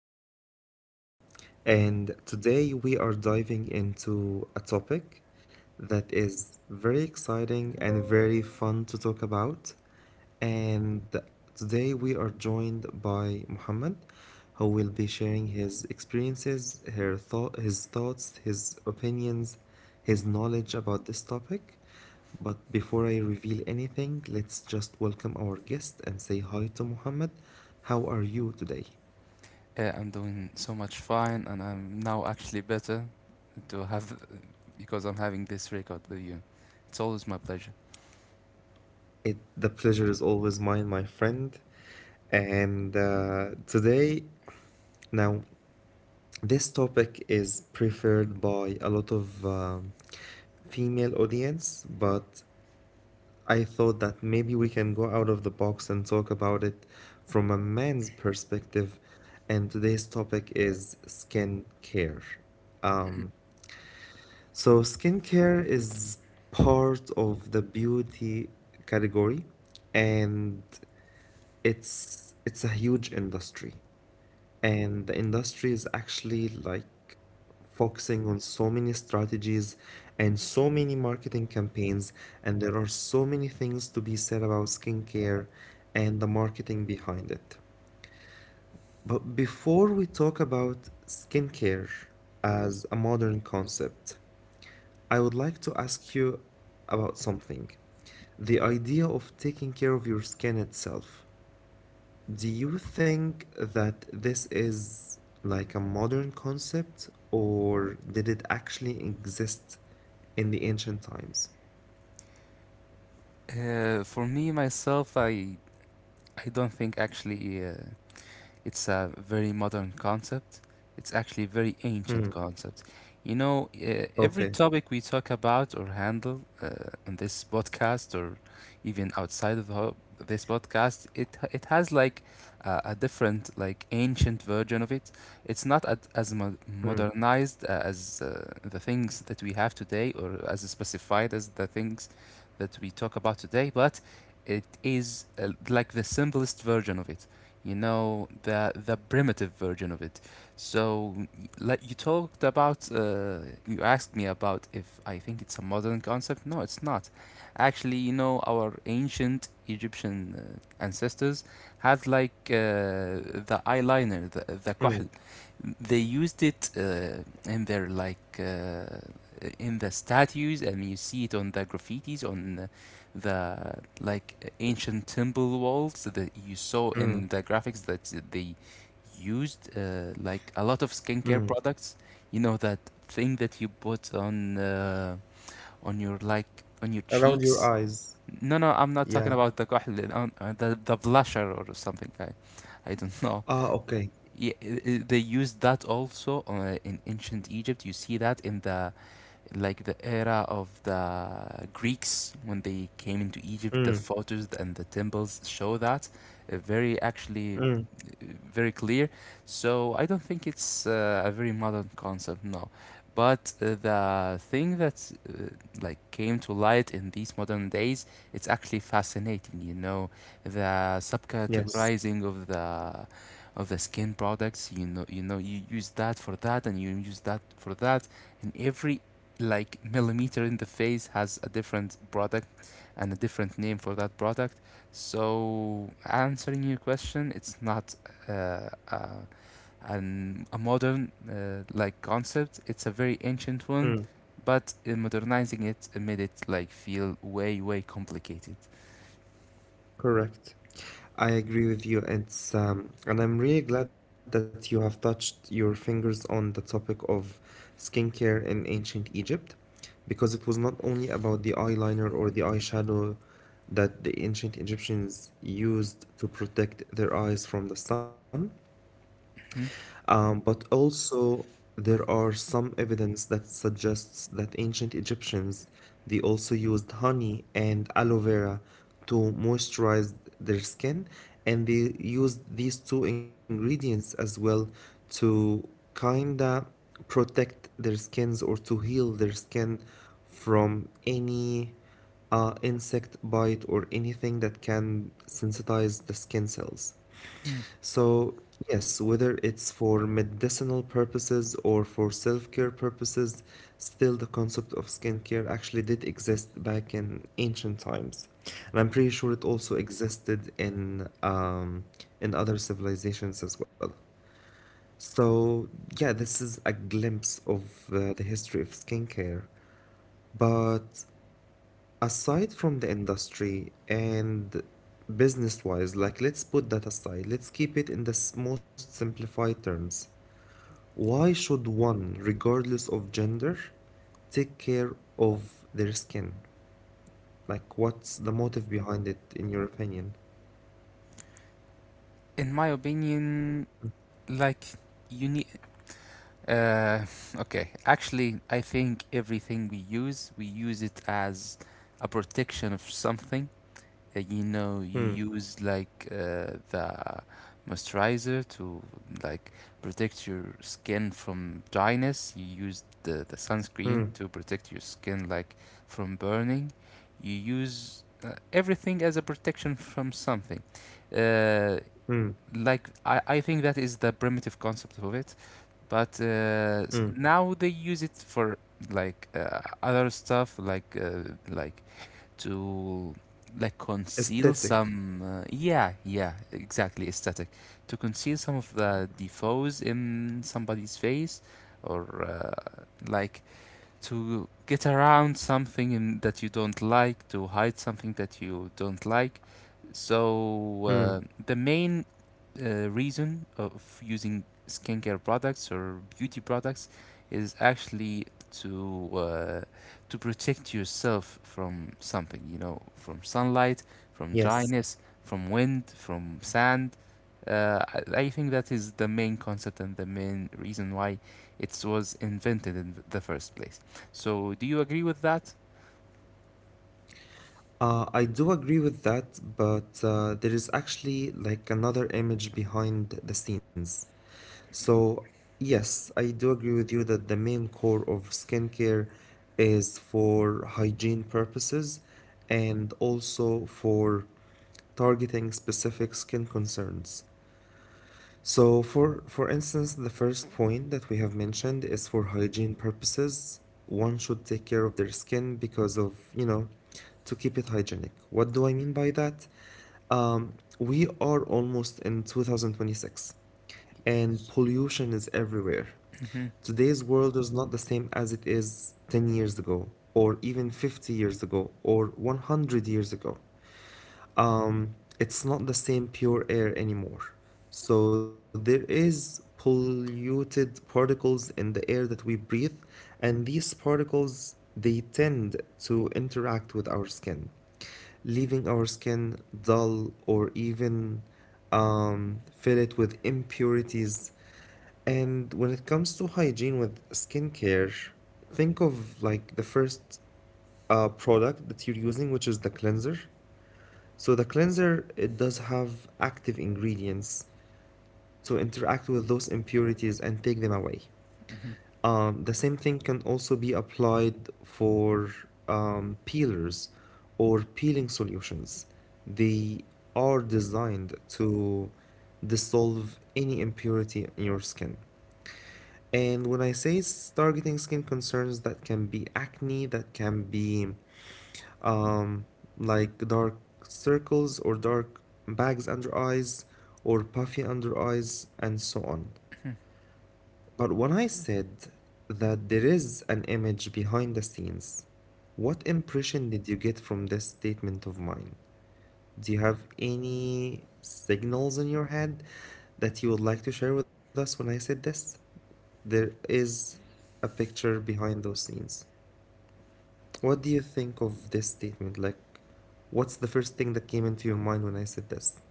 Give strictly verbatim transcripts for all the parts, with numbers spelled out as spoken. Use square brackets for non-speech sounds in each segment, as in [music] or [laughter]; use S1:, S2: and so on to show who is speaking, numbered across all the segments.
S1: This is Muhammad, and today we are diving into a topic that is very exciting and very fun to talk about. And today we are joined by Muhammad, who will be sharing his experiences, her thought, his thoughts, his opinions, his knowledge about this topic. But before I reveal anything, let's just welcome our guest and say hi to Mohammed. How are you today?
S2: Uh, I'm doing so much fine, and I'm now actually better to have because I'm having this record with you. It's always my pleasure.
S1: It, the pleasure is always mine, my friend. And uh, today, now, this topic is preferred by a lot of um, female audience, but I thought that maybe we can go out of the box and talk about it from a man's perspective. And today's topic is skin care. So, skincare is part of the beauty category, and it's it's a huge industry. And the industry is actually like focusing on so many strategies and so many marketing campaigns, and there are so many things to be said about skincare and the marketing behind it. But before we talk about skincare as a modern concept, I would like to ask you about something. The idea of taking care of your skin itself. Do you think that this is like a modern concept, or did it actually exist in the ancient times?
S2: Uh, for me myself, I I don't think actually uh, it's a very modern concept. It's actually a very
S1: Hmm.
S2: ancient concept. You know, uh, every
S1: Okay.
S2: topic we talk about or handle uh, in this podcast or even outside of the ho- this podcast, it it has like uh, a different like ancient version of it. It's not at, as mo-
S1: Hmm.
S2: modernized uh, as uh, the things that we have today or as specified as the things that we talk about today, but it is uh, like the simplest version of it. You know, the the primitive version of it. So like you talked about, uh, you asked me about if I think it's a modern concept. No, it's not. Actually, you know, our ancient Egyptian uh, ancestors had like uh, the eyeliner, the, the
S1: Hmm.
S2: kohl. They used it uh, in their like uh, in the statues, and you see it on the graffitis on uh, the like ancient temple walls, that you saw
S1: Hmm.
S2: in the graphics, that they used uh, like a lot of
S1: Hmm.
S2: skincare products. You know, that thing that you put on uh, on your like on your
S1: Around your
S2: cheeks.
S1: eyes.
S2: No, no, I'm not talking
S1: Yeah.
S2: about the كحل, um, uh, the, the blusher or something. I i don't [laughs] know.
S1: Ah, okay.
S2: Yeah, i- i- they used that also uh, in ancient Egypt. You see that in the like the era of the Greeks when they came into Egypt, the
S1: Hmm.
S2: photos and the temples show that uh, very actually
S1: Hmm.
S2: uh, very clear. So I don't think it's uh, a very modern concept, no. But uh, the thing that uh, like came to light in these modern days, it's actually fascinating. You know, the
S1: Yes.
S2: subcategorizing of the of the skin products. You know, you know, you use that for that, and you use that for that, and every like millimeter in the face has a different product and a different name for that product. So answering your question, it's not uh, uh, an, a modern uh, like concept. It's a very ancient one, but in modernizing it, it made it like feel way way complicated.
S1: Correct. I agree with you. It's um, and I'm really glad that you have touched your fingers on the topic of skincare in ancient Egypt, because it was not only about the eyeliner or the eyeshadow that the ancient Egyptians used to protect their eyes from the sun,
S2: Mhm.
S1: um, but also, there are some evidence that suggests that ancient Egyptians they also used honey and aloe vera to moisturize their skin, and they used these two ingredients as well to kinda protect their skins or to heal their skin from any uh, insect bite or anything that can sensitize the skin cells. So, yes, whether it's for medicinal purposes or for self-care purposes, still the concept of skincare actually did exist back in ancient times. And I'm pretty sure it also existed in um, in other civilizations as well. So, yeah, this is a glimpse of uh, the history of skincare. But aside from the industry and business wise, like let's put that aside, let's keep it in the s- most simplified terms. Why should one, regardless of gender, take care of their skin? Like, what's the motive behind it, in your opinion?
S2: In my opinion, like you need. Uh, okay, actually, I think everything we use, we use it as a protection of something. Uh, you know, you
S1: Hmm,
S2: use like uh, the moisturizer to like protect your skin from dryness. You use the, the sunscreen
S1: hmm,
S2: to protect your skin like from burning. You use uh, everything as a protection from something uh,
S1: hmm,
S2: like I, I think that is the primitive concept of it. But uh, s-
S1: hmm.
S2: now they use it for like uh, other stuff like uh, like to like conceal
S1: Aesthetic.
S2: some uh, yeah, yeah, exactly, aesthetic, to conceal some of the defoes in somebody's face or uh, like to get around something in, that you don't like, to hide something that you don't like. So,
S1: Hmm,
S2: uh, the main uh, reason of using skincare products or beauty products is actually to uh, to protect yourself from something, you know, from sunlight, from
S1: yes.
S2: dryness, from wind, from sand. Uh, I, I think that is the main concept and the main reason why it was invented in the first place. So, do you agree with that?
S1: Uh, I do agree with that, but uh, there is actually like another image behind the scenes. So, yes, I do agree with you that the main core of skincare is for hygiene purposes and also for targeting specific skin concerns. So for for instance, the first point that we have mentioned is for hygiene purposes, one should take care of their skin because of, you know, to keep it hygienic. What do I mean by that? Um, we are almost in twenty twenty-six and pollution is everywhere.
S2: Hmm.
S1: Today's world is not the same as it is ten years ago or even fifty years ago or one hundred years ago um, it's not the same pure air anymore. So there is polluted particles in the air that we breathe, and these particles they tend to interact with our skin, leaving our skin dull or even um, fill it with impurities. And when it comes to hygiene with skincare, think of like the first uh, product that you're using, which is the cleanser. So the cleanser, it does have active ingredients to interact with those impurities and take them away.
S2: Hmm.
S1: Um, the same thing can also be applied for um, peelers or peeling solutions. They are designed to dissolve any impurity in your skin. And when I say it's targeting skin concerns, that can be acne, that can be um, like dark circles or dark bags under eyes or puffy under eyes and so on. But when I said that there is an image behind the scenes, what impression did you get from this statement of mine? Do you have any signals in your head that you would like to share with us when I said this? There is a picture behind those scenes. What do you think of this statement? Like, what's the first thing that came into your mind when I said this?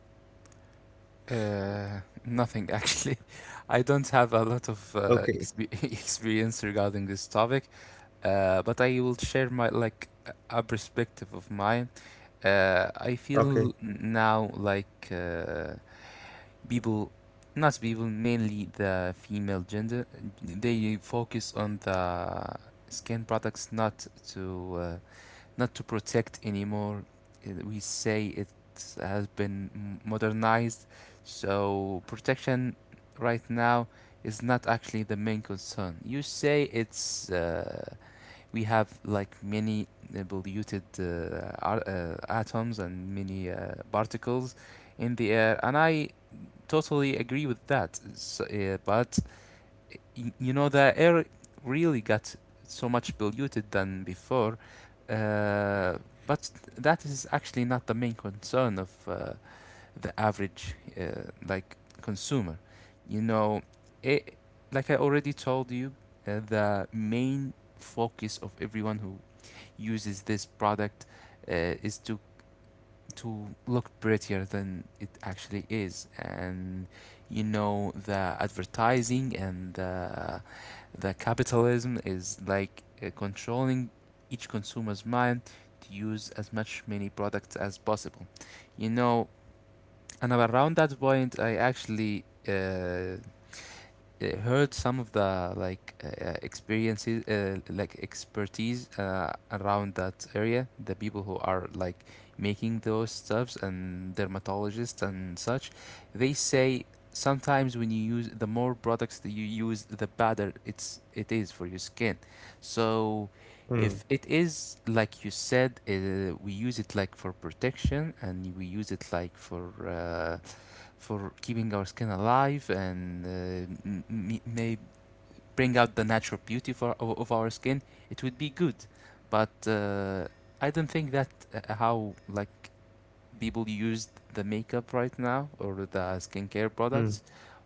S2: Uh, nothing actually. [laughs] I don't have a lot of
S1: Okay,
S2: uh, expe [laughs] experience regarding this topic, uh, but I will share my like a perspective of mine. Uh, I
S1: okay.
S2: feel now like uh, people, not people, mainly the female gender, they focus on the skin products not to uh, not to protect anymore. Uh, We say it has been modernized, so protection right now is not actually the main concern. You say it's uh, we have like many uh, polluted uh, uh, atoms and many uh, particles in the air, and I totally agree with that. So, uh, but you know the air really got so much polluted than before uh, but that is actually not the main concern of uh, the average uh, like consumer. You know, it, like I already told you, uh, the main focus of everyone who uses this product uh, is to to look prettier than it actually is. And you know, the advertising and the, the capitalism is like uh, controlling each consumer's mind to use as much many products as possible. You know, and around that point I actually uh, uh, heard some of the like uh, uh, experiences uh, like expertise uh, around that area, the people who are like making those stuffs and dermatologists and such. They say sometimes when you use the more products that you use, the better it's it is for your skin. So
S1: Mm,
S2: if it is like you said, uh, we use it like for protection and we use it like for uh, for keeping our skin alive and uh, m- may bring out the natural beauty for, of, of our skin, it would be good. But uh, I don't think that uh, how like people use the makeup right now or the skincare
S1: mm.
S2: products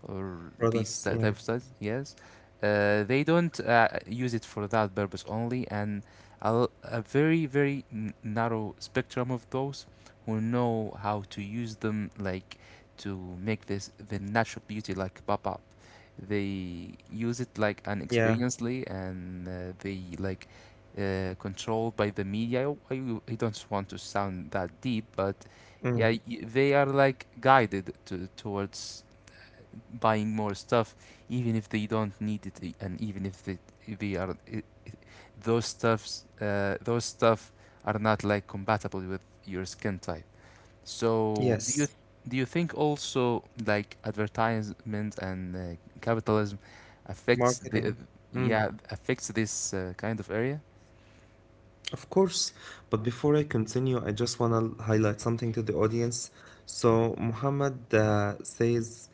S2: or
S1: Products,
S2: these ty-
S1: yeah,
S2: type of stuff. Yes, uh, they don't uh, use it for that purpose only, and a, l- a very, very n- narrow spectrum of those who know how to use them, like to make this the natural beauty like pop up. They use it like
S1: yeah.
S2: unexperiencedly, and uh, they like uh, controlled by the media. I, I, I don't want to sound that deep, but yeah,
S1: Mm.
S2: y- they are like guided to, towards buying more stuff, even if they don't need it, e- and even if they, they are I I- those stuffs, uh, those stuff are not like compatible with your skin type. So, do you
S1: Yes,
S2: do you think also like advertisement and uh, capitalism affects
S1: marketing.
S2: the uh,
S1: Mm.
S2: yeah, affects this uh, kind of area?
S1: Of course. But before I continue, I just want to highlight something to the audience. So Muhammad uh, says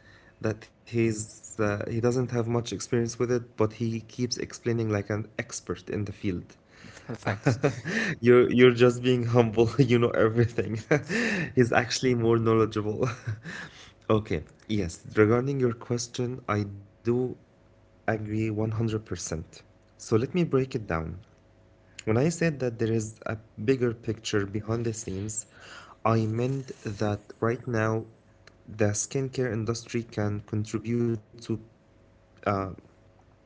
S1: that he's uh, he doesn't have much experience with it, but he keeps explaining like an expert in the field.
S2: [laughs] Thanks.
S1: You're you're just being humble. [laughs] You know everything. [laughs] He's actually more knowledgeable. [laughs] Okay. Yes, regarding your question, I do agree one hundred percent. So let me break it down. When I said that there is a bigger picture behind the scenes, I meant that right now the skincare industry can contribute to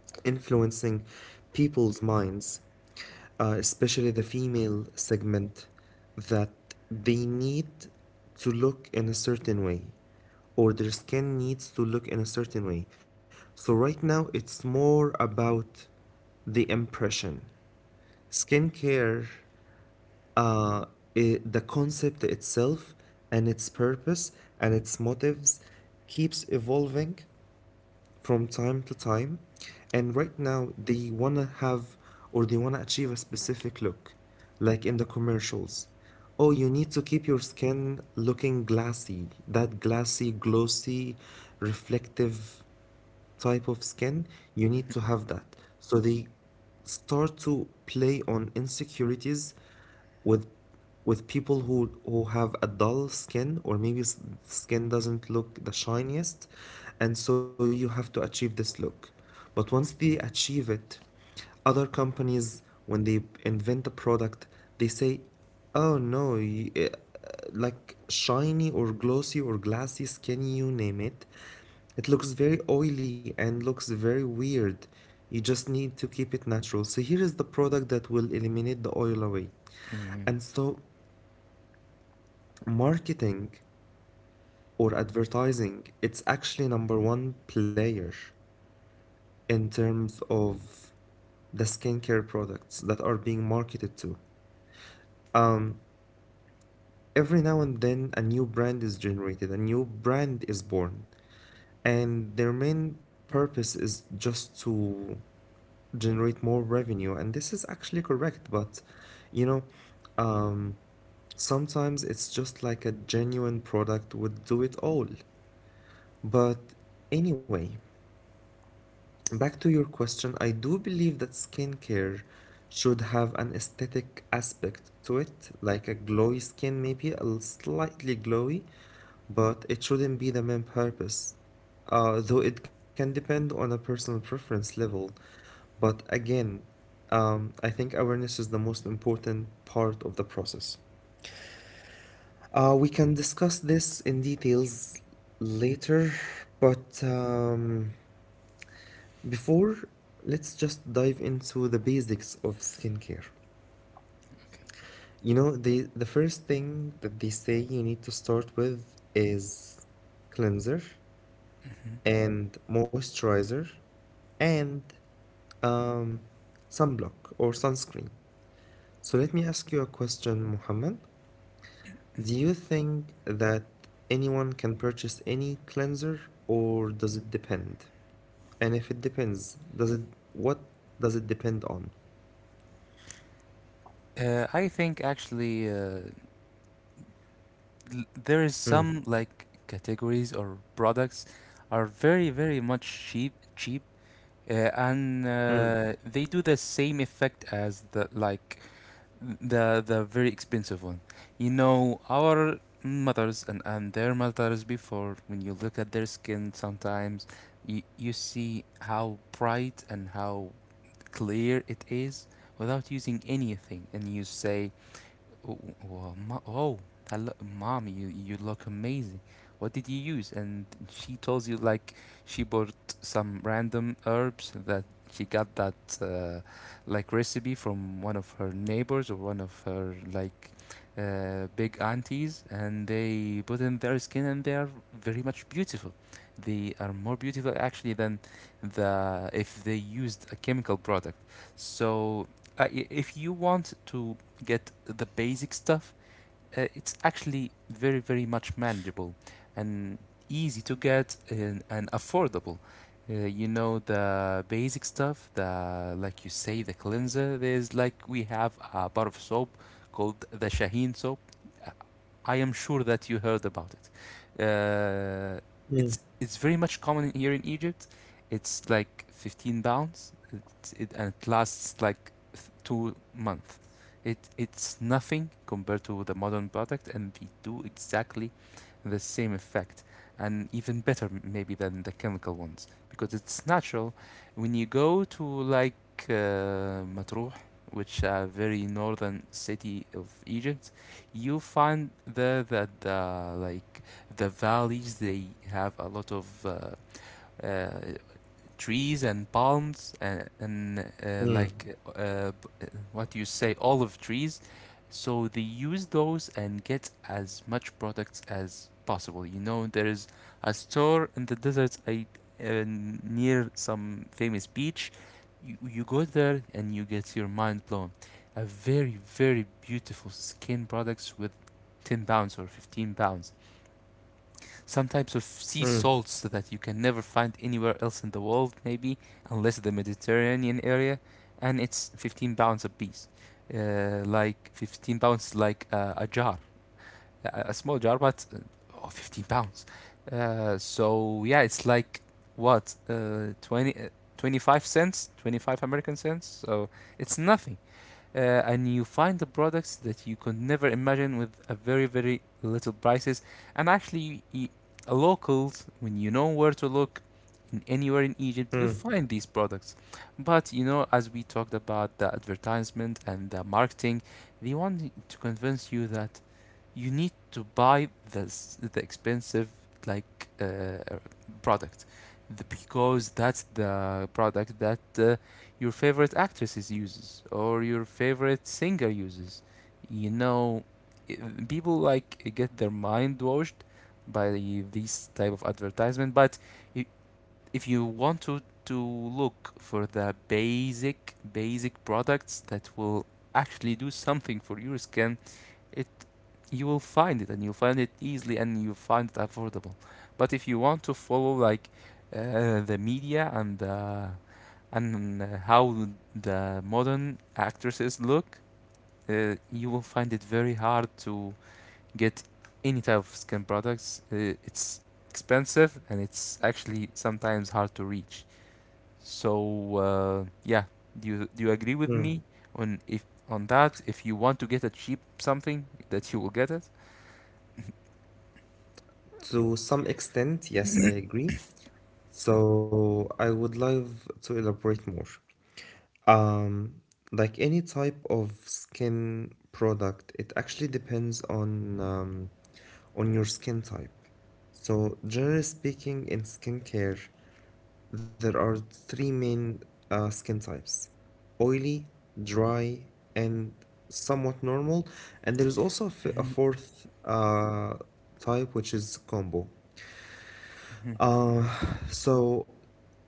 S1: influencing people's minds, uh, especially the female segment, that they need to look in a certain way or their skin needs to look in a certain way. So, right now, it's more about the impression. Skincare uh, I the concept itself and its purpose and its motives keeps evolving from time to time. And right now, they want to have or they want to achieve a specific look, like in the commercials. Oh, you need to keep your skin looking glassy, that glassy, glossy, reflective type of skin, you need to
S2: [laughs]
S1: have that. So they start to play on insecurities with with people who who have a dull skin or maybe s- skin doesn't look the shiniest and so you have to achieve this look but once they achieve it other companies when they invent a product they say oh no y- eh, like shiny or glossy or glassy skin, you name it, it looks very oily and looks very weird. You just need to keep it natural. So here is the product that will eliminate the oil away.
S2: Mhm.
S1: And so marketing or advertising, it's actually number one player in terms of the skincare products that are being marketed to. Um, every now and then a new brand is generated, a new brand is born, and their main purpose is just to generate more revenue and this is actually correct but you know um sometimes it's just like a genuine product would do it all but anyway back to your question, I do believe that skincare should have an aesthetic aspect to it, like a glowy skin, maybe a l- slightly glowy, but it shouldn't be the main purpose. Uh, though it can depend on a personal preference level. But again, um, I think awareness is the most important part of the process. Uh, we can discuss this in details later, but um, before, let's just dive into the basics of skincare.
S2: Okay.
S1: You know, the the first thing that they say you need to start with is cleanser and moisturizer and um, sunblock or sunscreen. So let me ask you a question, Mohammed. Do you think that anyone can purchase any cleanser or does it depend? And if it depends, does it what does it depend on?
S2: Uh, I think actually uh, l- there is
S1: Mm.
S2: some like categories or products are very very much cheap cheap, uh, and
S1: Mm.
S2: uh, they do the same effect as the like the the very expensive one. You know, our mothers and, and their mothers before, when you look at their skin sometimes, you, you see how bright and how clear it is without using anything, and you say, Oh, well, mo- oh, hello, mom, you you look amazing. What did you use? And she tells you like she bought some random herbs that she got that uh, like recipe from one of her neighbors or one of her like uh, big aunties, and they put in their skin, and they are very much beautiful. They are more beautiful actually than the if they used a chemical product. So uh, i- if you want to get the basic stuff, uh, it's actually very, very much manageable and easy to get and, and affordable. Uh, you know, the basic stuff, the like you say the cleanser. There's like we have a bar of soap called the Shaheen soap. I am sure that you heard about it. Uh, it's
S1: Mm,
S2: it's very much common here in Egypt. It's like fifteen pounds, it, it, and it lasts like two months. It it's nothing compared to the modern product, and they do exactly the same effect, and even better maybe than the chemical ones because it's natural. When you go to like uh, Matruh, which a very northern city of Egypt, you find there that uh, like the valleys, they have a lot of uh, uh, trees and palms and, and uh,
S1: mm,
S2: like uh, uh, what you say olive trees. So they use those and get as much products as possible. You know, there is a store in the deserts I, uh, near some famous beach. you, you go there and you get your mind blown. A very very beautiful skin products with ten pounds or fifteen pounds, some types of sea
S1: mm,
S2: salts that you can never find anywhere else in the world, maybe, unless the Mediterranean area, and it's fifteen pounds a piece. Uh, like fifteen pounds, like uh, a jar, a, a small jar, but uh, oh, fifteen pounds. Uh, so yeah, it's like what uh, twenty, uh, twenty-five cents, twenty-five American cents. So it's nothing, uh, and you find the products that you could never imagine with a very very little prices. And actually, y a locals, when you know where to look, in anywhere in Egypt you
S1: mm,
S2: find these products. But you know, as we talked about, the advertisement and the marketing, they want to convince you that you need to buy this, the expensive, like uh, product, the, because that's the product that uh, your favorite actresses uses or your favorite singer uses, you know. i- People like get their mind washed by this type of advertisement. But i- if you want to to look for the basic basic products that will actually do something for your skin, it you will find it, and you'll find it easily, and you'll find it affordable. But if you want to follow, like, uh, the media, and uh, and uh, how the modern actresses look, uh, you will find it very hard to get any type of skin products. Uh, it's expensive, and it's actually sometimes hard to reach. So uh, yeah, do you do you agree with
S1: mm.
S2: me on, if, on that, if you want to get a cheap something, that you will get it?
S1: To some extent, yes, I agree. So I would love to elaborate more. Um, like any type of skin product, it actually depends on um, on your skin type. So generally speaking, in skincare, there are three main uh, skin types: oily, dry, and somewhat normal. And there is also a f- a fourth uh, type, which is combo.
S2: Mm-hmm.
S1: Uh, so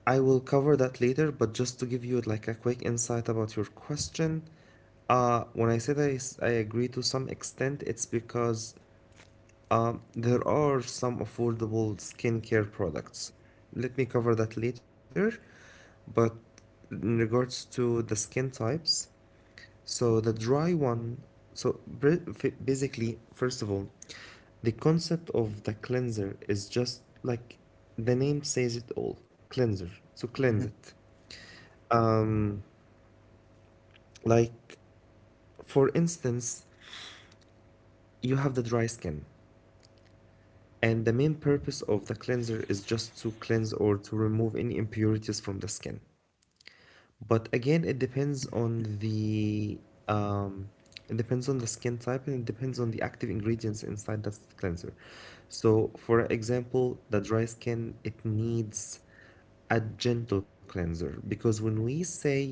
S1: I will cover that later, but just to give you like a quick insight about your question, uh, when I said I, s- I agree to some extent, it's because um, there are some affordable skincare products. Let me cover that later. But in regards to the skin types, so the dry one, so br- f- basically, first of all, the concept of the cleanser is just like the name says it all, cleanser. So
S2: Mm-hmm.
S1: cleanse it. Um, like for instance, you have the dry skin. And the main purpose of the cleanser is just to cleanse or to remove any impurities from the skin. But again, it depends on the um, it depends on the skin type and it depends on the active ingredients inside that cleanser. So, for example, the dry skin, it needs a gentle cleanser because when we say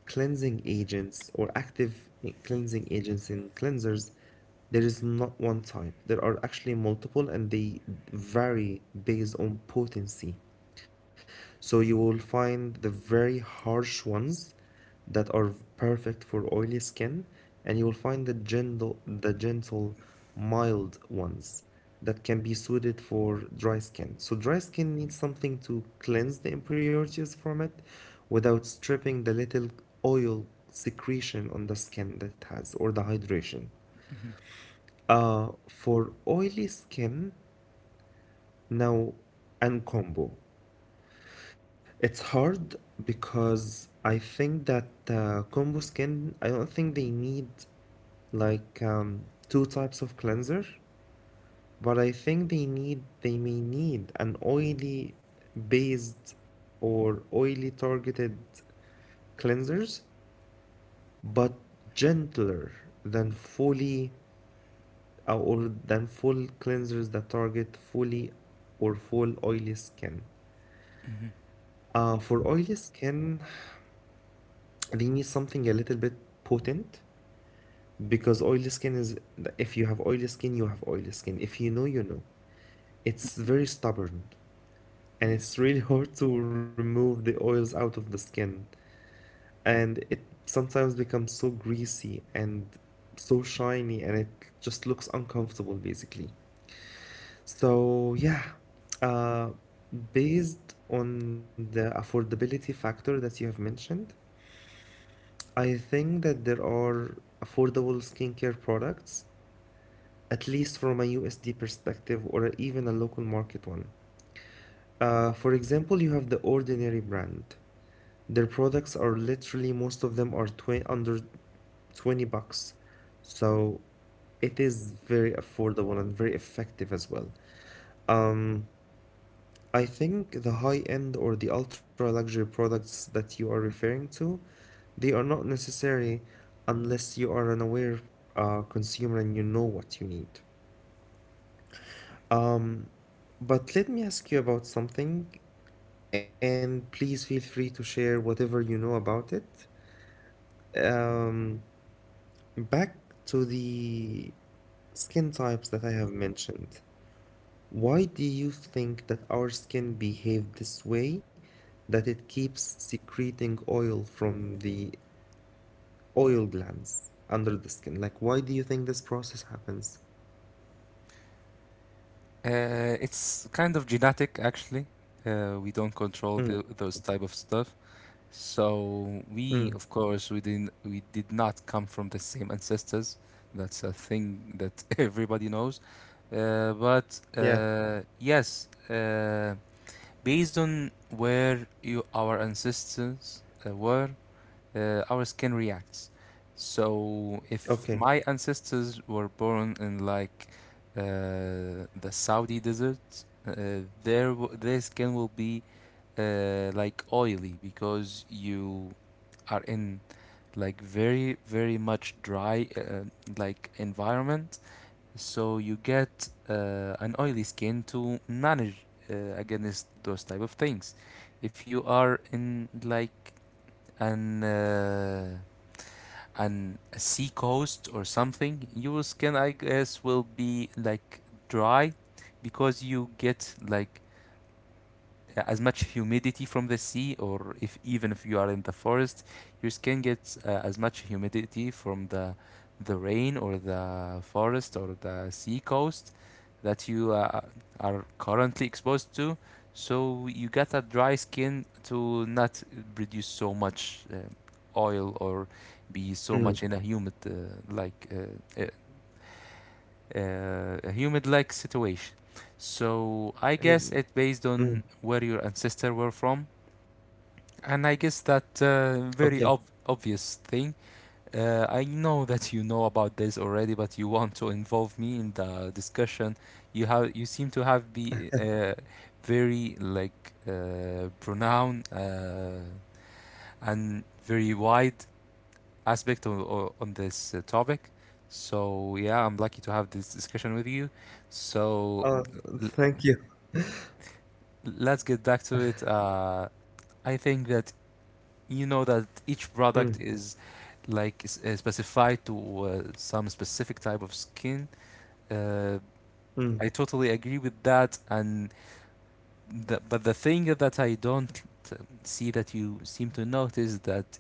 S1: cleansing agents or active cleansing agents and cleansers, there is not one type. There are actually multiple and they vary based on potency. So you will find the very harsh ones that are perfect for oily skin, and you will find the gentle, the gentle, mild ones that can be suited for dry skin. So dry skin needs something to cleanse the impurities from it without stripping the little oil secretion on the skin that it has or the hydration. Uh, for oily skin, now and combo. It's hard because I think that uh, combo skin, I don't think they need like um, two types of cleanser, but I think they need they may need an oily based or oily targeted cleansers, but gentler than fully uh, or than full cleansers that target fully or full oily skin. Uh, for oily skin, they need something a little bit potent. Because oily skin is, if you have oily skin, you have oily skin. If you know, you know. It's very stubborn and
S2: Yes.
S1: it's really [laughs] hard to remove the oils out of the skin. And it sometimes becomes so greasy and so shiny and it just looks uncomfortable basically. So, yeah, uh, based on the affordability factor that you have mentioned, I think that there are affordable skincare products at least from a U S D perspective or even a local market one. Uh, for example, you have the Ordinary brand. Their products are literally most of them are tw- under twenty bucks. So it is very affordable and very effective as well. Um, I think the high end or the ultra luxury products that you are referring to, they are not necessary unless you are an aware uh, consumer and you know what you need. Um, but let me ask you about something, and please feel free to share whatever you know about it. Um, Back to the skin types that I have mentioned. Why do you think that our skin behave this way, that it keeps secreting oil from the oil glands under the skin? Like, why do you think this process happens?
S2: Uh, it's kind of genetic, actually. Uh, we don't control the,
S1: Mm,
S2: those type of stuff. So
S1: mm,
S2: we, of course, we didn't, we did not come from the same ancestors. That's a thing that [laughs] everybody knows. Uh, but
S1: yeah,
S2: uh, yes, uh, based on where you, our ancestors uh, were, uh, our skin reacts. So if
S1: okay.
S2: my ancestors were born in, like, uh, the Saudi deserts, uh, their w- their skin will be, uh, like, oily, because you are in, like, very very much dry, uh, like, environment. So you get uh, an oily skin to manage uh, against those type of things. If you are in, like, and uh, an a sea coast or something, your skin, I guess, will be like dry, because you get, like, uh, as much humidity from the sea. Or if, even if you are in the forest, your skin gets uh, as much humidity from the the rain or the forest or the sea coast that you uh, are currently exposed to. So you get a dry skin to not produce so much uh, oil, or be so
S1: Mm,
S2: much in a humid, uh, like uh, uh, uh, a humid-like situation. So I
S1: I-
S2: guess it, based on
S1: mm,
S2: where your ancestors were from, and I guess that, uh,
S1: okay.
S2: very ob- obvious thing. Uh, I know [laughs] that you know about this already, but you want to involve me in the discussion. You have you seem to have be, uh, very, like, uh, pronoun, uh, and very wide aspect of o- on this, uh, topic. So, yeah, I'm lucky to have this discussion with you. So,
S1: Uh, th-
S2: l-
S1: thank you.
S2: let's get back to it. Uh, I think that you know that each
S1: Mm,
S2: product is, like s- uh, specified to, uh, some specific type of skin. Uh,
S1: mm.
S2: I totally agree with that. And the, but the thing that I don't, t- see that you seem to notice, that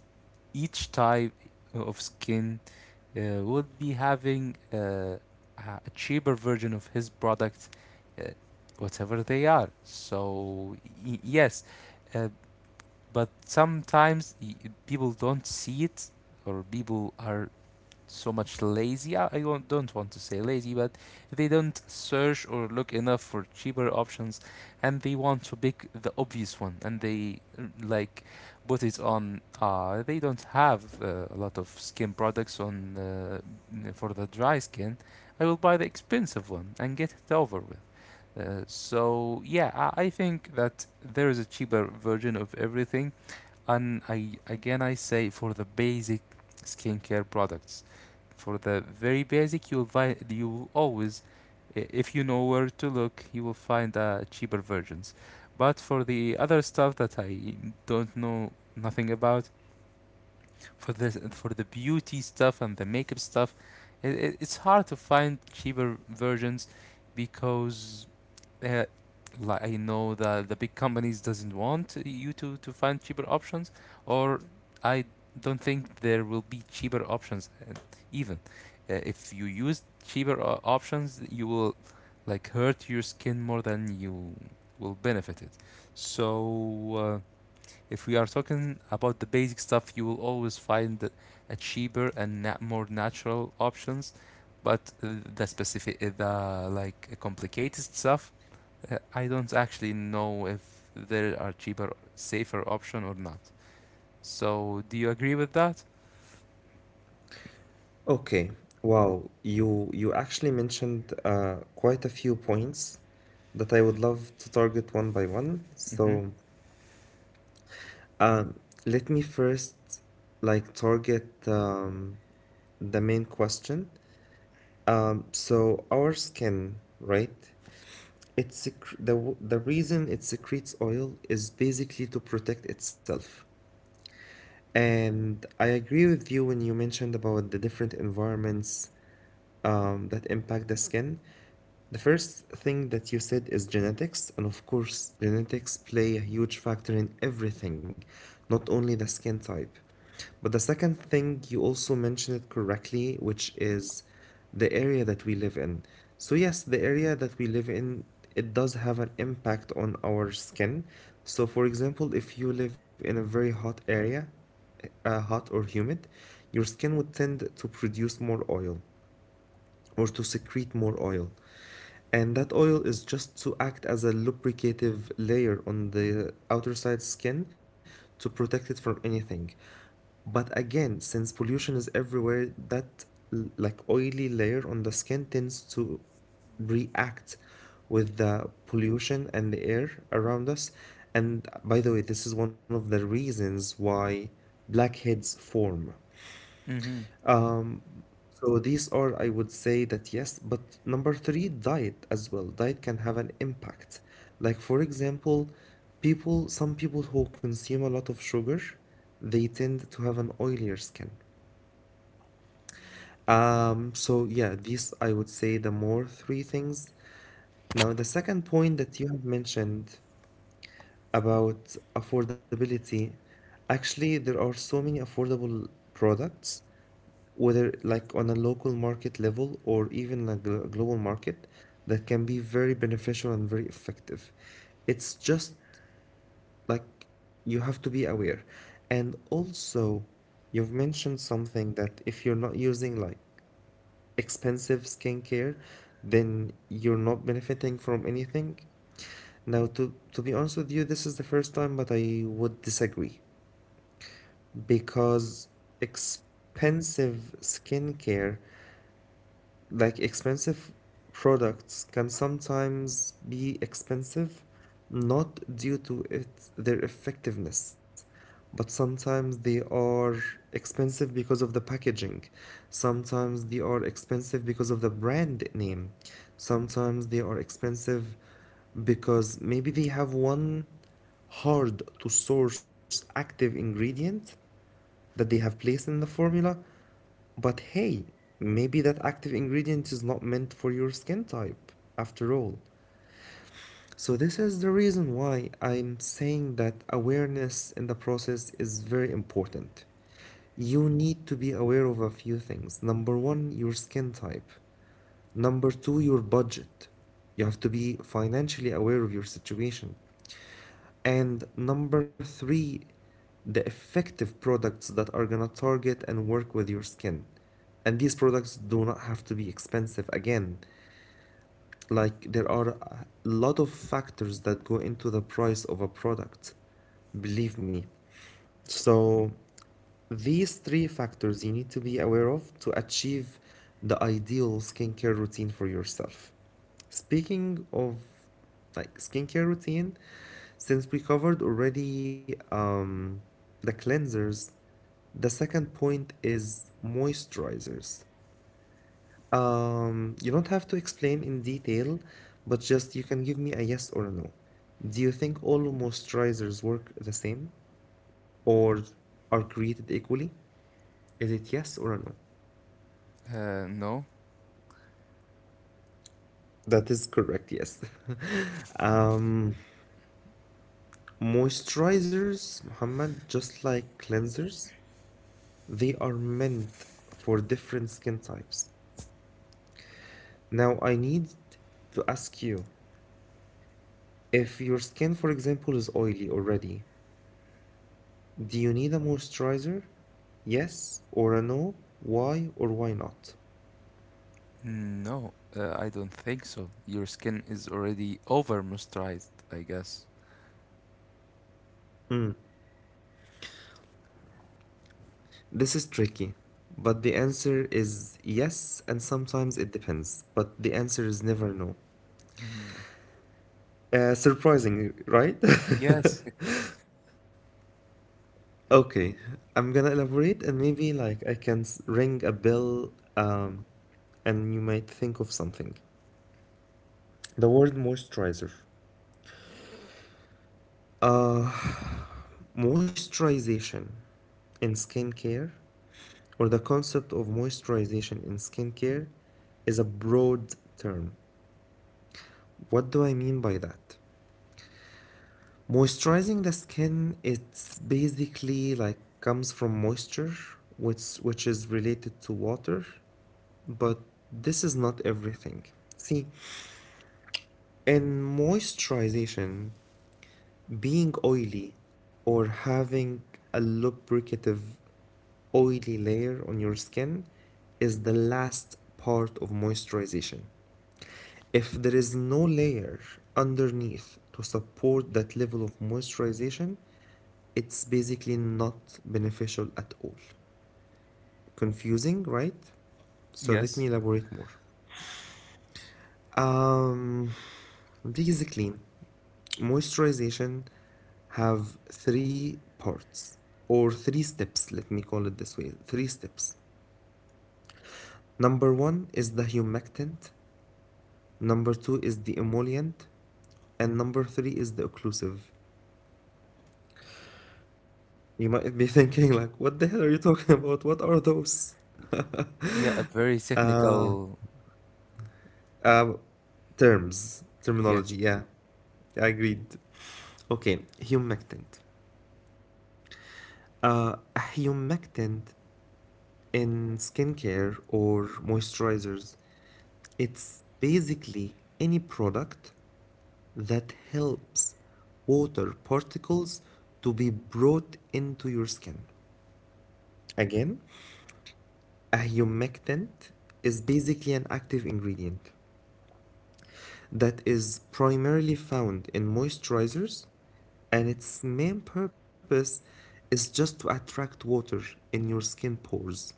S2: each type of skin uh, would be having, uh, a a cheaper version of his product, uh, whatever they are. So, y- yes, uh, but sometimes, y- people don't see it, or people are so much lazy. I, I don't want to say lazy, but they don't search or look enough for cheaper options, and they want to pick the obvious one, and they, mm, like, put it on. Uh, they don't have, uh, a lot of skin products on, uh, for the dry skin. I will buy the expensive one and get it over with. Uh, so yeah, I, I think that there is a cheaper version of everything, and I, again, I say for the basic skincare products, for the very basic, you'll find you will always, i- if you know where to look, you will find, uh, cheaper versions. But for the other stuff that I don't know nothing about, for the for the beauty stuff and the makeup stuff, it, it, it's hard to find cheaper versions, because uh, like, I know that the big companies doesn't want you to to find cheaper options, or I don't think there will be cheaper options, uh, even. Uh, if you use cheaper o- options, you will, like, hurt your skin more than you will benefit it. So, uh, if we are talking about the basic stuff, you will always find a cheaper and na- more natural options. But uh, the specific, uh, the like uh, complicated stuff, uh, I don't actually know if there are cheaper, safer option or not. So, do you agree with that?
S1: Okay. Wow. You you actually mentioned uh, quite a few points that I would love to target one by one.
S2: Mm-hmm.
S1: So um, let me first like target um, the main question. Um, so our skin, right? It's sec- the w- the reason it secretes oil is basically to protect itself. And I agree with you when you mentioned about the different environments um, that impact the skin. The first thing that you said is genetics, and of course, genetics play a huge factor in everything, not only the skin type. But the second thing, you also mentioned it correctly, which is the area that we live in. So, yes, the area that we live in, it does have an impact on our skin. So, for example, if you live in a very hot area, uh, hot or humid, your skin would tend to produce more oil or to secrete more oil. And that oil is just to act as a lubricative layer on the outer side skin to protect it from anything. But again, since pollution is everywhere, that like oily layer on the skin tends to react with the pollution and the air around us. And by the way, this is one of the reasons why blackheads form.
S2: Mm-hmm.
S1: Um, so these are, I would say that yes, but number three, diet as well. Diet can have an impact. Like for example, people, some people who consume a lot of sugar, they tend to have an oilier skin. Um, so yeah, these I would say the more three things. Now, the second point that you have mentioned about affordability, actually there are so many affordable products whether like on a local market level or even a glo- global market that can be very beneficial and very effective. It's just like you have to be aware. And also, you've mentioned something that if you're not using like expensive skincare, then you're not benefiting from anything. Now, to, to be honest with you, this is the first time, but I would disagree because expensive skincare, like expensive products, can sometimes be expensive not due to its their effectiveness, but sometimes they are expensive because of the packaging. Sometimes they are expensive because of the brand name. Sometimes they are expensive because maybe they have one hard to source active ingredient that they have placed in the formula, but hey, maybe that active ingredient is not meant for your skin type after all. So, this is the reason why I'm saying that awareness in the process is very important. You need to be aware of a few things. Number one, your skin type. Number two, your budget. You have to be financially aware of your situation. And number three, the effective products that are gonna target and work with your skin. And these products do not have to be expensive again. Like there are a lot of factors that go into the price of a product. Believe me. So these three factors you need to be aware of to achieve the ideal skincare routine for yourself. Speaking of like skincare routine, since we covered already um, the cleansers, the second point is moisturizers. Um, you don't have to explain in detail, but just you can give me a yes or a no. Do you think all moisturizers work the same or are created equally? Is it yes or a no?
S2: Uh, no.
S1: That is correct, yes. [laughs] Um, Moisturizers, Muhammad, just like cleansers, they are meant for different skin types. Now, I need to ask you, if your skin, for example, is oily already, do you need a moisturizer? Yes or a no? Why or why not?
S2: No, uh, I don't think so. Your skin is already over moisturized, I guess.
S1: This is tricky, but the answer is yes, and sometimes it depends, but the answer is never no.
S2: Mhm.
S1: Uh, surprising, right?
S2: Yes, it's
S1: [laughs] Okay, I'm gonna elaborate, and maybe like I can s- ring a bell, um, and you might think of something. The word moisturizer. Uh, Moisturization in skincare, or the concept of moisturization in skincare, is a broad term. What do I mean by that? Moisturizing the skin, it's basically like comes from moisture, which which is related to water, but this is not everything. See, in moisturization, being oily or having a lubricative oily layer on your skin is the last part of moisturization. If there is no layer underneath to support that level of moisturization, it's basically not beneficial at all. Confusing, right?
S2: [laughs]
S1: So let
S2: yes.
S1: me elaborate more. Um, Basically, moisturization have three parts or three steps, let me call it this way, three steps. Number one is the humectant, number two is the emollient, and number three is the occlusive. You might be thinking like, what the hell are you talking [laughs] about? What are those?
S2: Yeah, a very
S1: Uh,
S2: technical.
S1: uh, Terms,
S2: Yes.
S1: terminology. Yeah, agreed. Okay, humectant. Uh, a humectant in skincare or moisturizers, it's basically any product that helps water particles to be brought into your skin. Again, a humectant is basically an active ingredient that is primarily found in moisturizers, and its main purpose is just to attract water in your skin pores.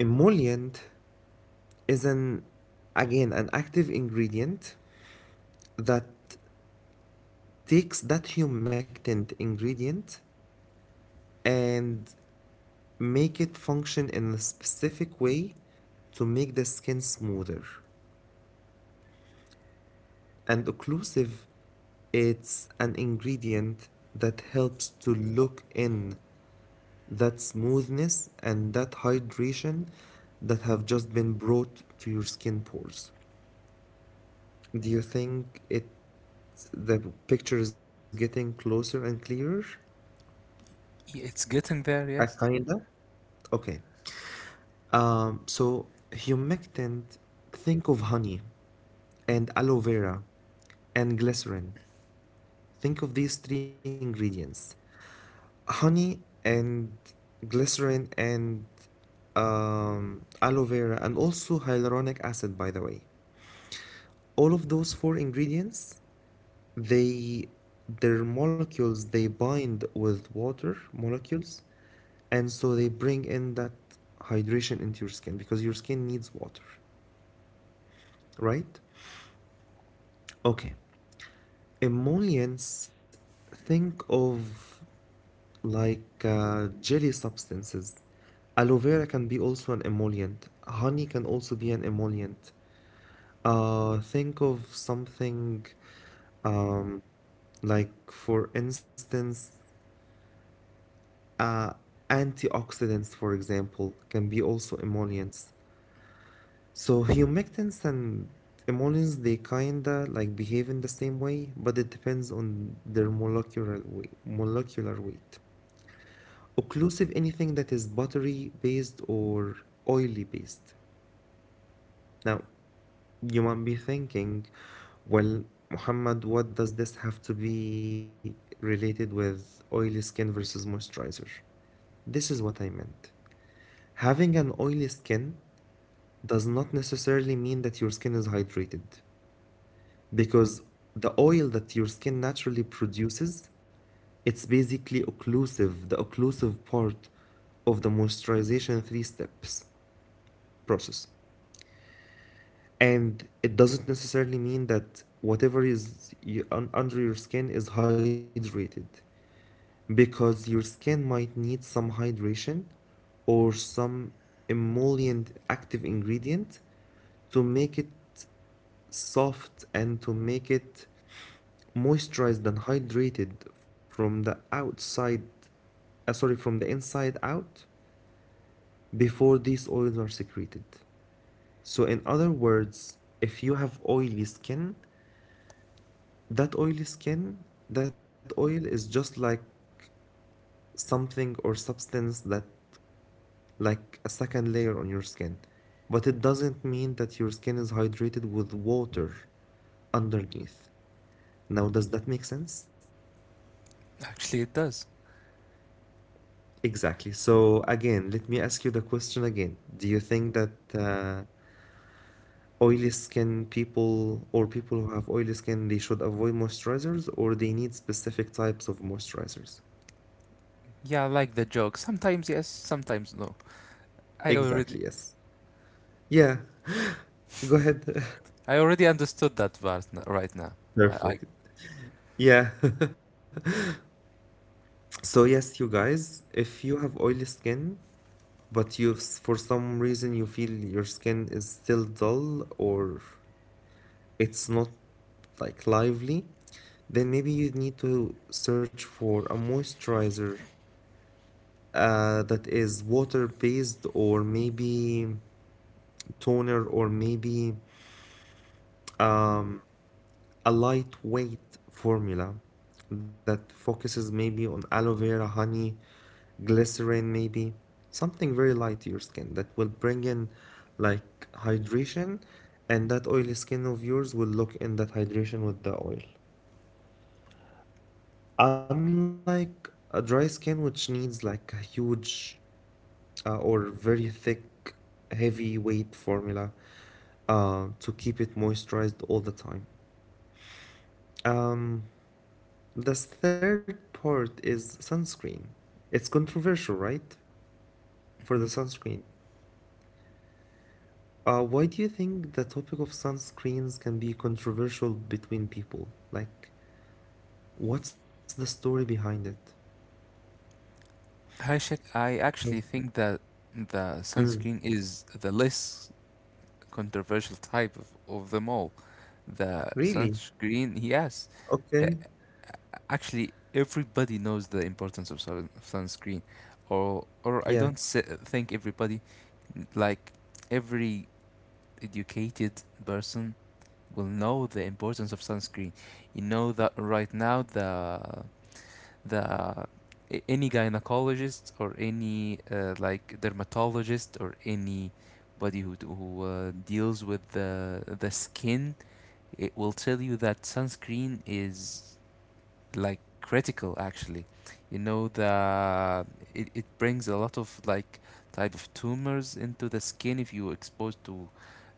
S1: Emollient is an again an active ingredient that takes that humectant ingredient and make it function in a specific way to make the skin smoother. And occlusive, it's an ingredient that helps to lock in that smoothness and that hydration that have just been brought to your skin pores. Do you think it the picture is getting closer and clearer?
S2: Y- It's getting there,
S1: I
S2: yes.
S1: kinda. Okay. Um, so humectant, think of honey and aloe vera and glycerin. Think of these three ingredients. Honey and glycerin and um, aloe vera and also hyaluronic acid, by the way. All of those four ingredients, they their molecules, they bind with water molecules, and so they bring in that hydration into your skin because your skin needs water, right? Okay. Emollients, think of like uh, jelly substances. Aloe vera can be also an emollient, honey can also be an emollient. Uh, think of something, um, like for instance. Uh, Antioxidants, for example, can be also emollients. So humectants and emollients, they kinda like behave in the same way, but it depends on their molecular weight, molecular weight. Occlusive, anything that is buttery based or oily based. Now, you might be thinking, well, Muhammad, what does this have to be related with oily skin versus moisturizer? This is what I meant. Having an oily skin does not necessarily mean that your skin is hydrated, because the oil that your skin naturally produces, it's basically occlusive, the occlusive part of the moisturization three steps process, and it doesn't necessarily mean that whatever is under your skin is hydrated, because your skin might need some hydration or some emollient active ingredient to make it soft and to make it moisturized and hydrated from the outside, uh, sorry, from the inside out, before these oils are secreted. So in other words, if you have oily skin, that oily skin, that oil is just like something or substance that, like, a second layer on your skin, but it doesn't mean that your skin is hydrated with water underneath. Now, does that make sense?
S2: Actually, it does.
S1: Exactly. So again, let me ask you the question again. Do you think that uh, oily skin people or people who have oily skin, they should avoid moisturizers or they need specific types of moisturizers?
S2: Yeah, I like the joke. Sometimes yes, sometimes no. I already
S1: Exactly, yes. Yeah, go ahead.
S2: I already understood that part, n- right now.
S1: [laughs]
S2: I, I
S1: Perfect. Yeah. [laughs] So yes, you guys, if you have oily skin, but you s- for some reason you feel your skin is still dull or it's not like lively, then maybe you need to search for a moisturizer uh, that is water-based, or maybe toner, or maybe um, a lightweight formula that focuses maybe on aloe vera, honey, glycerin, maybe something very light to your skin that will bring in like hydration, and that oily skin of yours will lock in that hydration with the oil. Unlike a dry skin, which needs like a huge uh, or very thick, heavy weight formula uh, to keep it moisturized all the time. Um, the third part is sunscreen. It's controversial, right? For the
S2: Mm.
S1: sunscreen. Uh, why do you think the topic of sunscreens can be controversial between people? Like, what's the story behind it?
S2: Hi, Shek. I actually
S1: Yes.
S2: think that the sunscreen
S1: Mm.
S2: is the less controversial type of, of them all. The
S1: Really?
S2: sunscreen, yes. Uh,
S1: Okay.
S2: Actually, everybody knows the importance of sun sunscreen, or or I
S1: Yeah.
S2: don't s think everybody, like, every educated person will know the importance of sunscreen. You know that right now the the any gynecologist or any, uh, like, dermatologist, or anybody who who uh, deals with the the skin, it will tell you that sunscreen is, like, critical, actually. You know, the it, it brings a lot of, like, type of tumors into the skin, if you exposed to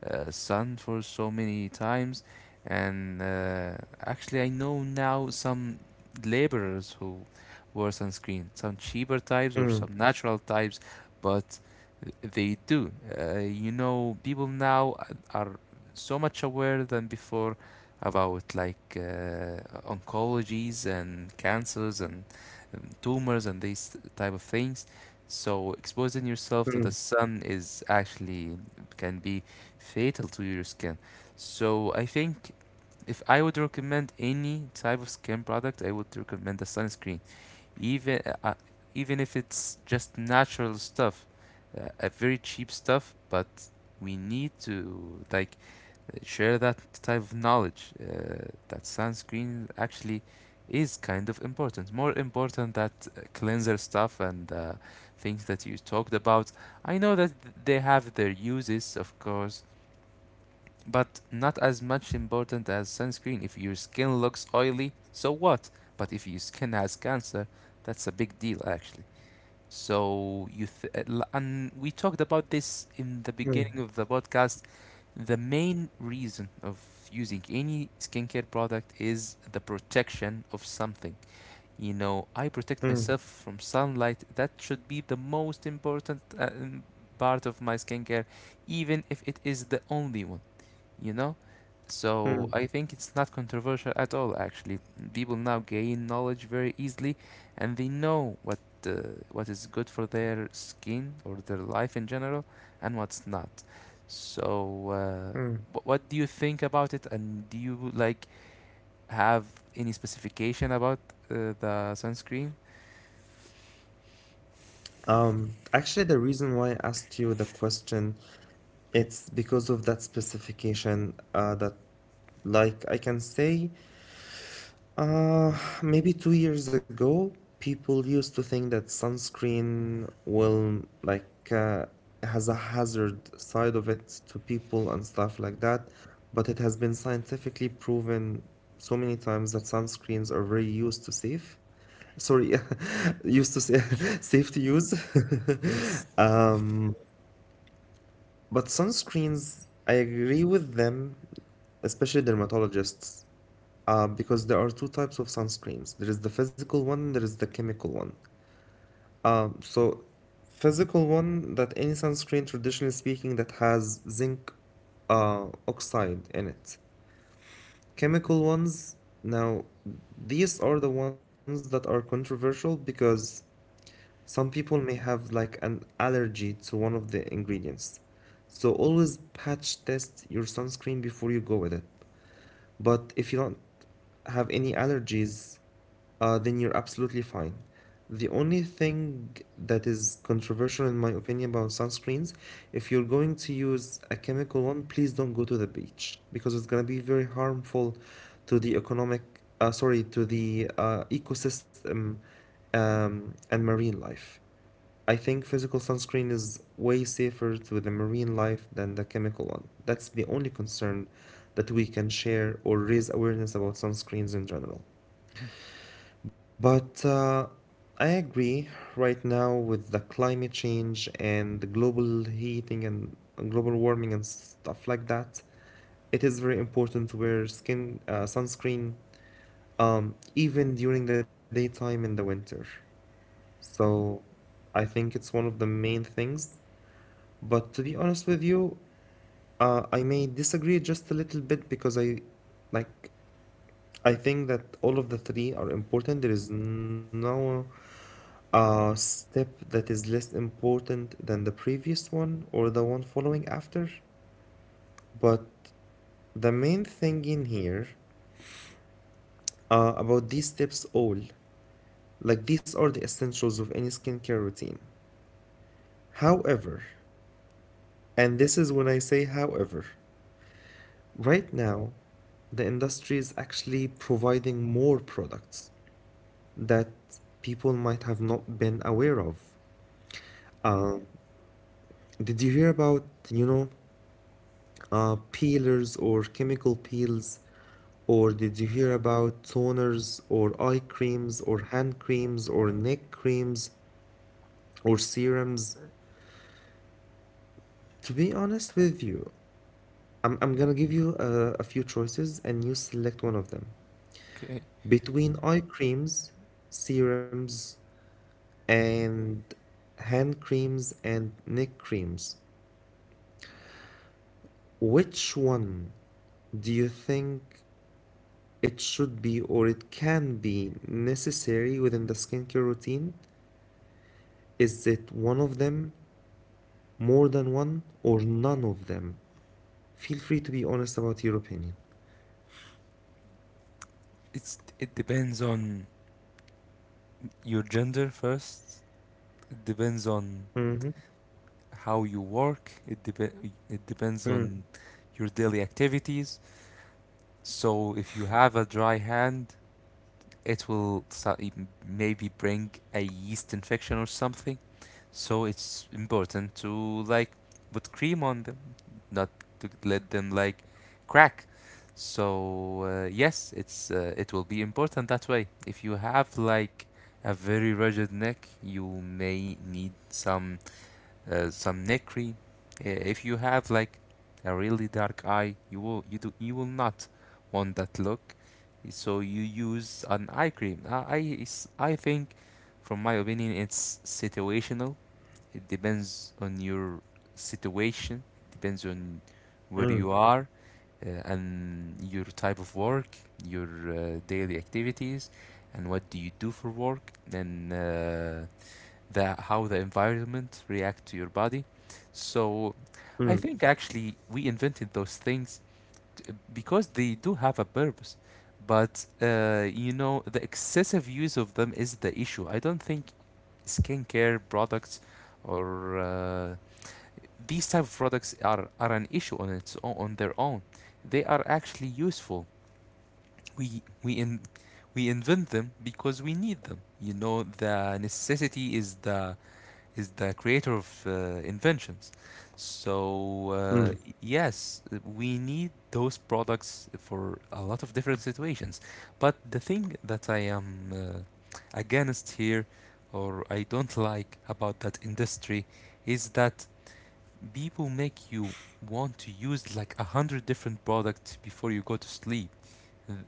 S2: uh, sun for so many times. And, uh, actually, I know now some laborers who wear sunscreen, some cheaper types or some
S1: Mm.
S2: natural types, but they do. Uh, you know, people now are, are so much aware than before, about, like, uh, oncologies and cancers and, um, tumors and these type of things. So exposing yourself to the
S1: Mm.
S2: sun is actually, can be fatal to your skin. So I think, if I would recommend any type of skin product, I would recommend a sunscreen, even uh, uh, even if it's just natural stuff, uh, a very cheap stuff. But we need to, like, share that type of knowledge, uh, that sunscreen actually is kind of important, more important that, uh, cleanser stuff and, uh, things that you talked about. I know that th- they have their uses, of course, but not as much important as sunscreen. If your skin looks oily, so what? But if your skin has cancer, that's a big deal actually. So you, th- uh, and we talked about this in the
S1: Mm.
S2: beginning of the podcast. The main reason of using any skincare product is the protection of something. You know, I protect
S1: Mm.
S2: myself from sunlight. That should be the most important, uh, um, part of my skincare, even if it is the only one, you know?
S1: Mm.
S2: So I think it's not controversial at all, actually. People now gain knowledge very easily, and they know what, uh, what is good for their skin or their life in general, and what's not. So, uh,
S1: Mm.
S2: wh- what do you think about it, and do you like have any specification about, uh, the sunscreen?
S1: Um, actually, the reason why I asked you the question, it's because of that specification uh, that, like, I can say uh, maybe two years ago, people used to think that sunscreen will like uh, has a hazard side of it to people and stuff like that, but it has been scientifically proven so many times that sunscreens are very used to safe. Sorry, [laughs] used to say [laughs] safe to use.
S2: Yes.
S1: [laughs] Um, but sunscreens, I agree with them, especially dermatologists. Um, because there are two types of sunscreens. There is the physical one, and there is the chemical one. Um, so physical one that any sunscreen, traditionally speaking, that has zinc uh, oxide in it. Chemical ones, now these are the ones that are controversial because some people may have like an allergy to one of the ingredients. So always patch test your sunscreen before you go with it. But if you don't have any allergies, uh, then you're absolutely fine. The only thing that is controversial, in my opinion, about sunscreens, if you're going to use a chemical one, please don't go to the beach because it's going to be very harmful to the economic, uh, sorry, to the uh, ecosystem um, and marine life. I think physical sunscreen is way safer to the marine life than the chemical one. That's the only concern that we can share or raise awareness about sunscreens in general. But uh, I agree right now with the climate change and the global heating and uh, global warming and stuff like that. It is very important to wear skin uh, sunscreen um, even during the daytime in the winter. So I think it's one of the main things. But to be honest with you, uh, I may disagree just a little bit because I like I think that all of the three are important. There is no uh, step that is less important than the previous one or the one following after. But the main thing in here uh, about these steps all, like these are the essentials of any skincare routine. However, and this is when I say however, right now, the industry is actually providing more products that people might have not been aware of. Uh, did you hear about, you know, uh, peelers or chemical peels? Or did you hear about toners or eye creams or hand creams or neck creams or serums? To be honest with you, I'm, I'm gonna give you a, a few choices and you select one of them.
S2: Okay.
S1: Between eye creams, serums, and hand creams and neck creams. Which one do you think it should be or it can be necessary within the skincare routine? Is it one of them, more than one, or none of them? Feel free to be honest about your opinion.
S2: It's, it depends on your gender first. It depends on
S1: Mm-hmm.
S2: how you work. It dep- it depends on
S1: Mm,
S2: your daily activities. So if you have a dry hand, it will, sa- m- maybe bring a yeast infection or something. So it's important to, like, put cream on them, not to let them, like, crack. So, uh, yes, it's uh, it will be important that way. If you have, like, a very rigid neck, you may need some, uh, some neck cream. Uh, If you have, like, a really dark eye, you will you do you will not want that look. So you use an eye cream. I I, I think, from my opinion, it's situational. It depends on your situation. It depends on where you
S1: mm,
S2: are, uh, and your type of work, your, uh, daily activities, and what do you do for work. And, uh, the how the environment react to your body. So I
S1: mm,
S2: think actually we invented those things, t- because they do have a purpose. But, uh, you know, the excessive use of them is the issue. I don't think skincare products, or, uh, these type of products are, are an issue on its own, on their own. They are actually useful. We we in we invent them because we need them. You know, the necessity is the is the creator of, uh, inventions. So, uh,
S1: mm,
S2: yes, we need those products for a lot of different situations. But the thing that I am, uh, against here, or I don't like about that industry, is that people make you want to use like a hundred different products before you go to sleep.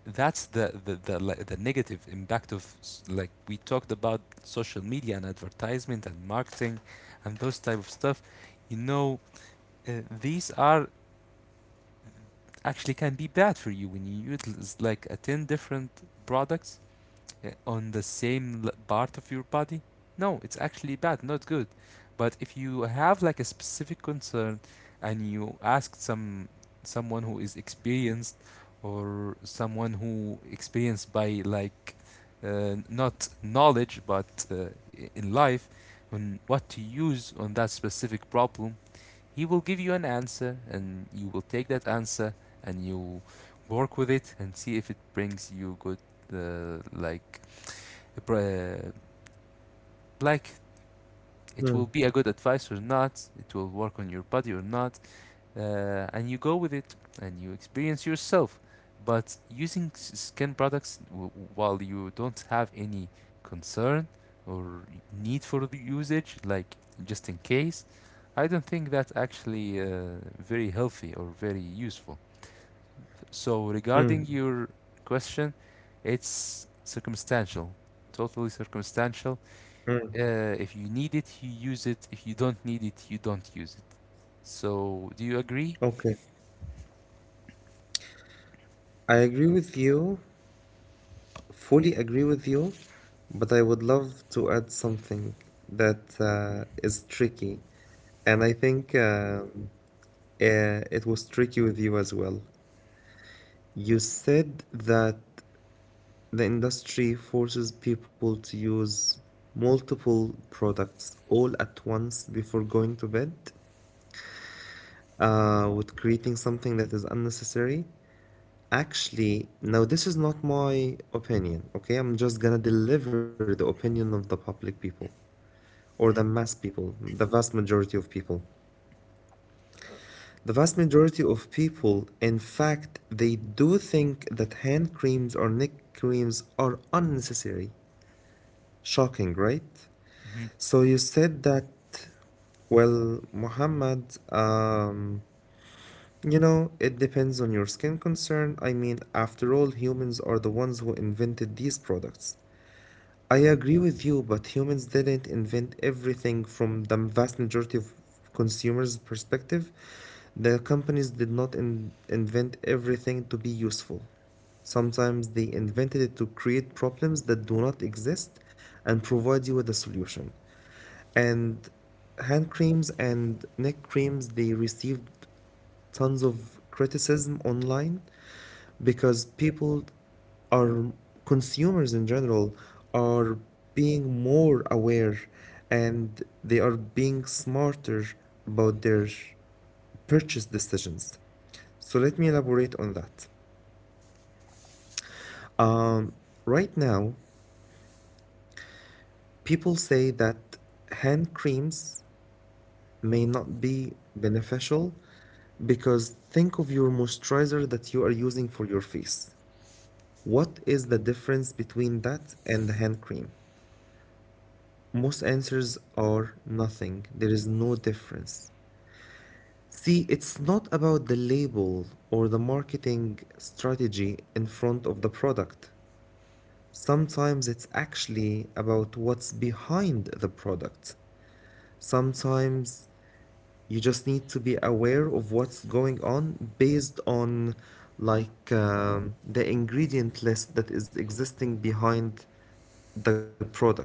S2: That's the the, the like, the negative impact of, like, we talked about social media and advertisement and marketing and those type of stuff, you know. uh, these are actually can be bad for you when you utilize, like, uh, ten different products, uh, on the same part of your body. No, it's actually bad, not good. But if you have like a specific concern, and you ask some, someone who is experienced, or someone who experienced by, like, uh, not knowledge, but, uh, in life, on what to use on that specific problem, he will give you an answer, and you will take that answer, and you work with it, and see if it brings you good, uh, like uh, like it will
S1: mm,
S2: be a good advice or not, it will work on your body or not, uh, and you go with it, and you experience yourself. But using skin products, w- while you don't have any concern or need for the usage, like, just in case, I don't think that's actually, uh, very healthy or very useful. So,
S1: mm,
S2: regarding your question, it's circumstantial, totally circumstantial.
S1: mm.
S2: Uh, if you need it, you use it. If you don't need it, you don't use it. So, do you agree?
S1: Okay. I agree with you. Fully agree with you, but I would love to add something that uh, is tricky. And I think um, uh, eh, it was tricky with you as well. You said that the industry forces people to use multiple products all at once before going to bed, uh, with creating something that is unnecessary. Actually, now this is not my opinion, okay? I'm just gonna deliver the opinion of the public people, or the mass people, the vast majority of people. The vast majority of people, in fact, they do think that hand creams or neck creams are unnecessary. Shocking, right?
S2: Mhm.
S1: So you said that, well, Muhammad, um, you know, it depends on your skin concern. I mean, after all, humans are the ones who invented these products. I agree with you, but humans didn't invent everything from the vast majority of consumers' perspective. The companies did not in- invent everything to be useful. Sometimes they invented it to create problems that do not exist and provide you with a solution. And hand creams and neck creams, they received tons of criticism online because people are consumers in general are being more aware and they are being smarter about their purchase decisions. So let me elaborate on that. Um, right now, people say that hand creams may not be beneficial because think of your moisturizer that you are using for your face. What is the difference between that and the hand cream? Most answers are nothing. There is no difference. See, it's not about the label or the marketing strategy in front of the product. Sometimes it's actually about what's behind the product. Sometimes you just need to be aware of what's going on based on like um, the ingredient list that is existing behind the product.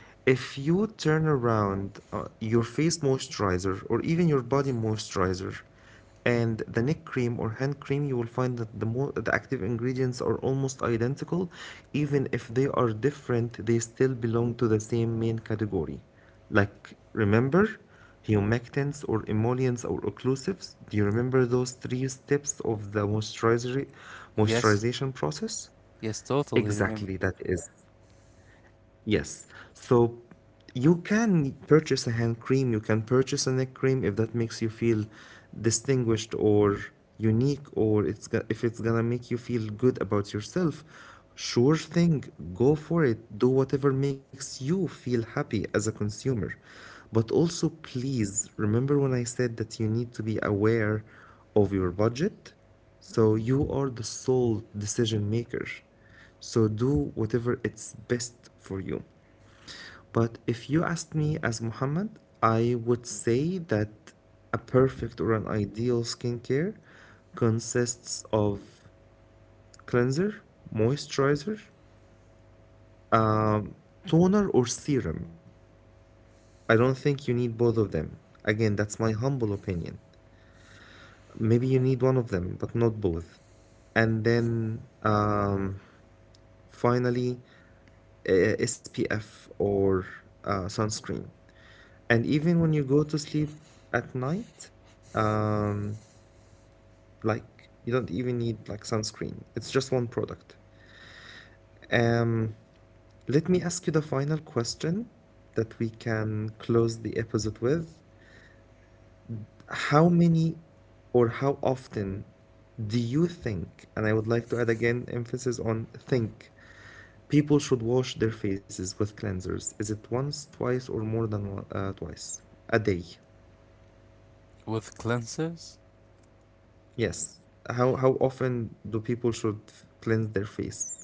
S1: If you turn around uh, your face moisturizer or even your body moisturizer and the neck cream or hand cream, you will find that the, mo- the active ingredients are almost identical. Even if they are different, they still belong to the same main category. Like, remember humectants or emollients or occlusives? Do you remember those three steps of the moisturizer-
S2: Yes.
S1: moisturization process?
S2: Yes, totally. Remember.
S1: Exactly, that is. Yes. So you can purchase a hand cream, you can purchase a neck cream if that makes you feel distinguished or unique or it's go- if it's gonna make you feel good about yourself. Sure thing, go for it. Do whatever makes you feel happy as a consumer. But also, please remember when I said that you need to be aware of your budget? So you are the sole decision maker. So do whatever it's best for you. But if you asked me as Muhammad, I would say that a perfect or an ideal skincare consists of cleanser, moisturizer, um, toner, or serum. I don't think you need both of them. Again, that's my humble opinion. Maybe you need one of them, but not both. And then um, finally, uh, S P F or uh, sunscreen. And even when you go to sleep at night, um, like you don't even need like sunscreen. It's just one product. Um, Let me ask you the final question that we can close the episode with. How many or how often do you think, and I would like to add again emphasis on think, people should wash their faces with cleansers. Is it once, twice, or more than one, uh, twice a day?
S2: With cleansers?
S1: Yes. How how often do people should cleanse their face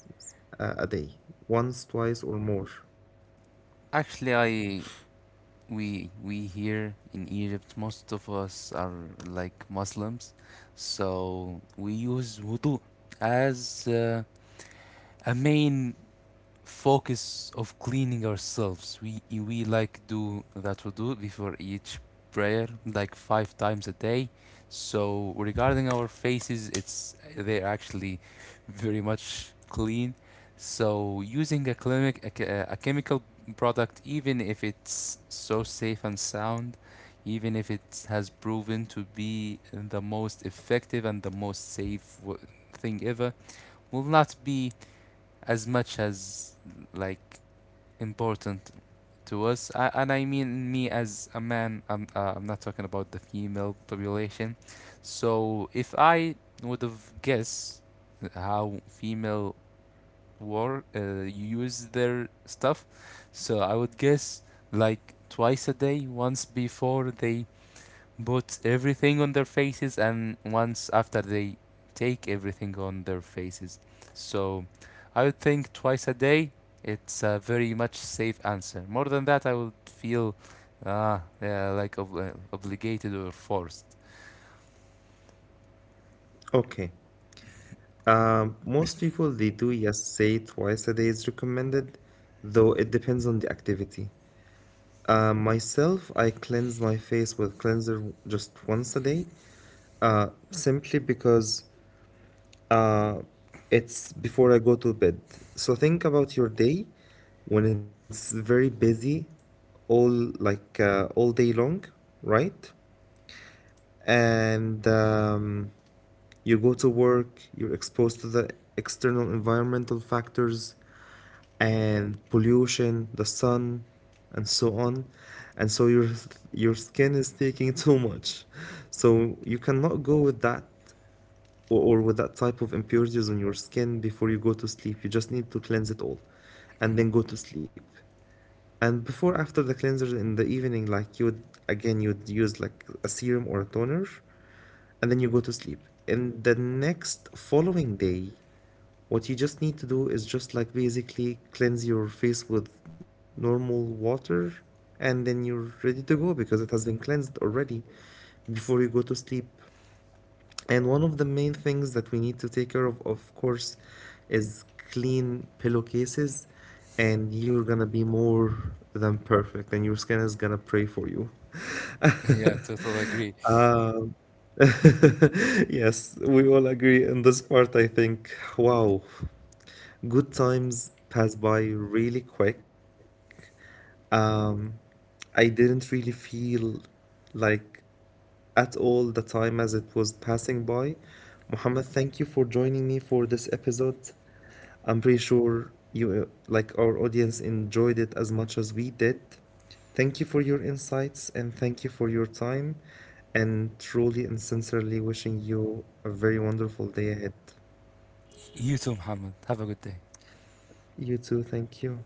S1: uh, a day? Once, twice, or more?
S2: Actually, I we we here in Egypt, most of us are, like, Muslims, so we use wudu as, uh, a main focus of cleaning ourselves. We we like do that we do before each prayer, like, five times a day. So regarding our faces, it's they're actually very much clean. So using a clinic, a, che- a chemical product, even if it's so safe and sound, even if it has proven to be the most effective and the most safe, w- thing ever, will not be as much as, like, important to us. I, and I mean me as a man. I'm uh, I'm not talking about the female population. So if I would have guessed how female, war uh, use their stuff, so I would guess, like, twice a day, once before they puts everything on their faces, and once after they take everything on their faces. So I would think twice a day, it's a very much safe answer. More than that, I would feel, uh, yeah, like, ob- uh, obligated or forced. [laughs]
S1: Okay. Um, most people they do yes say twice a day is recommended, though it depends on the activity. Uh, myself, I cleanse my face with cleanser just once a day, uh, simply because Uh, it's before I go to bed. So think about your day when it's very busy, all like uh, all day long, right? And um, you go to work, you're exposed to the external environmental factors and pollution, the sun, and so on. And so your your skin is taking [laughs] too much. So you cannot go with that or, or with that type of impurities on your skin before you go to sleep. You just need to cleanse it all and then go to sleep. And before, after the cleanser in the evening, like you would, again, you would use like a serum or a toner and then you go to sleep. In the next following day, what you just need to do is just like basically cleanse your face with normal water and then you're ready to go because it has been cleansed already before you go to sleep. And one of the main things that we need to take care of, of course, is clean pillowcases. And you're gonna be more than perfect, and your skin is gonna pray for you. [laughs]
S2: Yeah, totally agree.
S1: Yes, we all agree in this part, I think. Wow, good times pass by really quick. Um, I didn't really feel like at all the time as it was passing by. Muhammad, thank you for joining me for this episode. I'm pretty sure you, uh, like our audience, enjoyed it as much as we did. Thank you for your insights and thank you for your time. And truly and sincerely wishing you a very wonderful day ahead.
S2: You too, Muhammad. Have a good day.
S1: You too, thank you.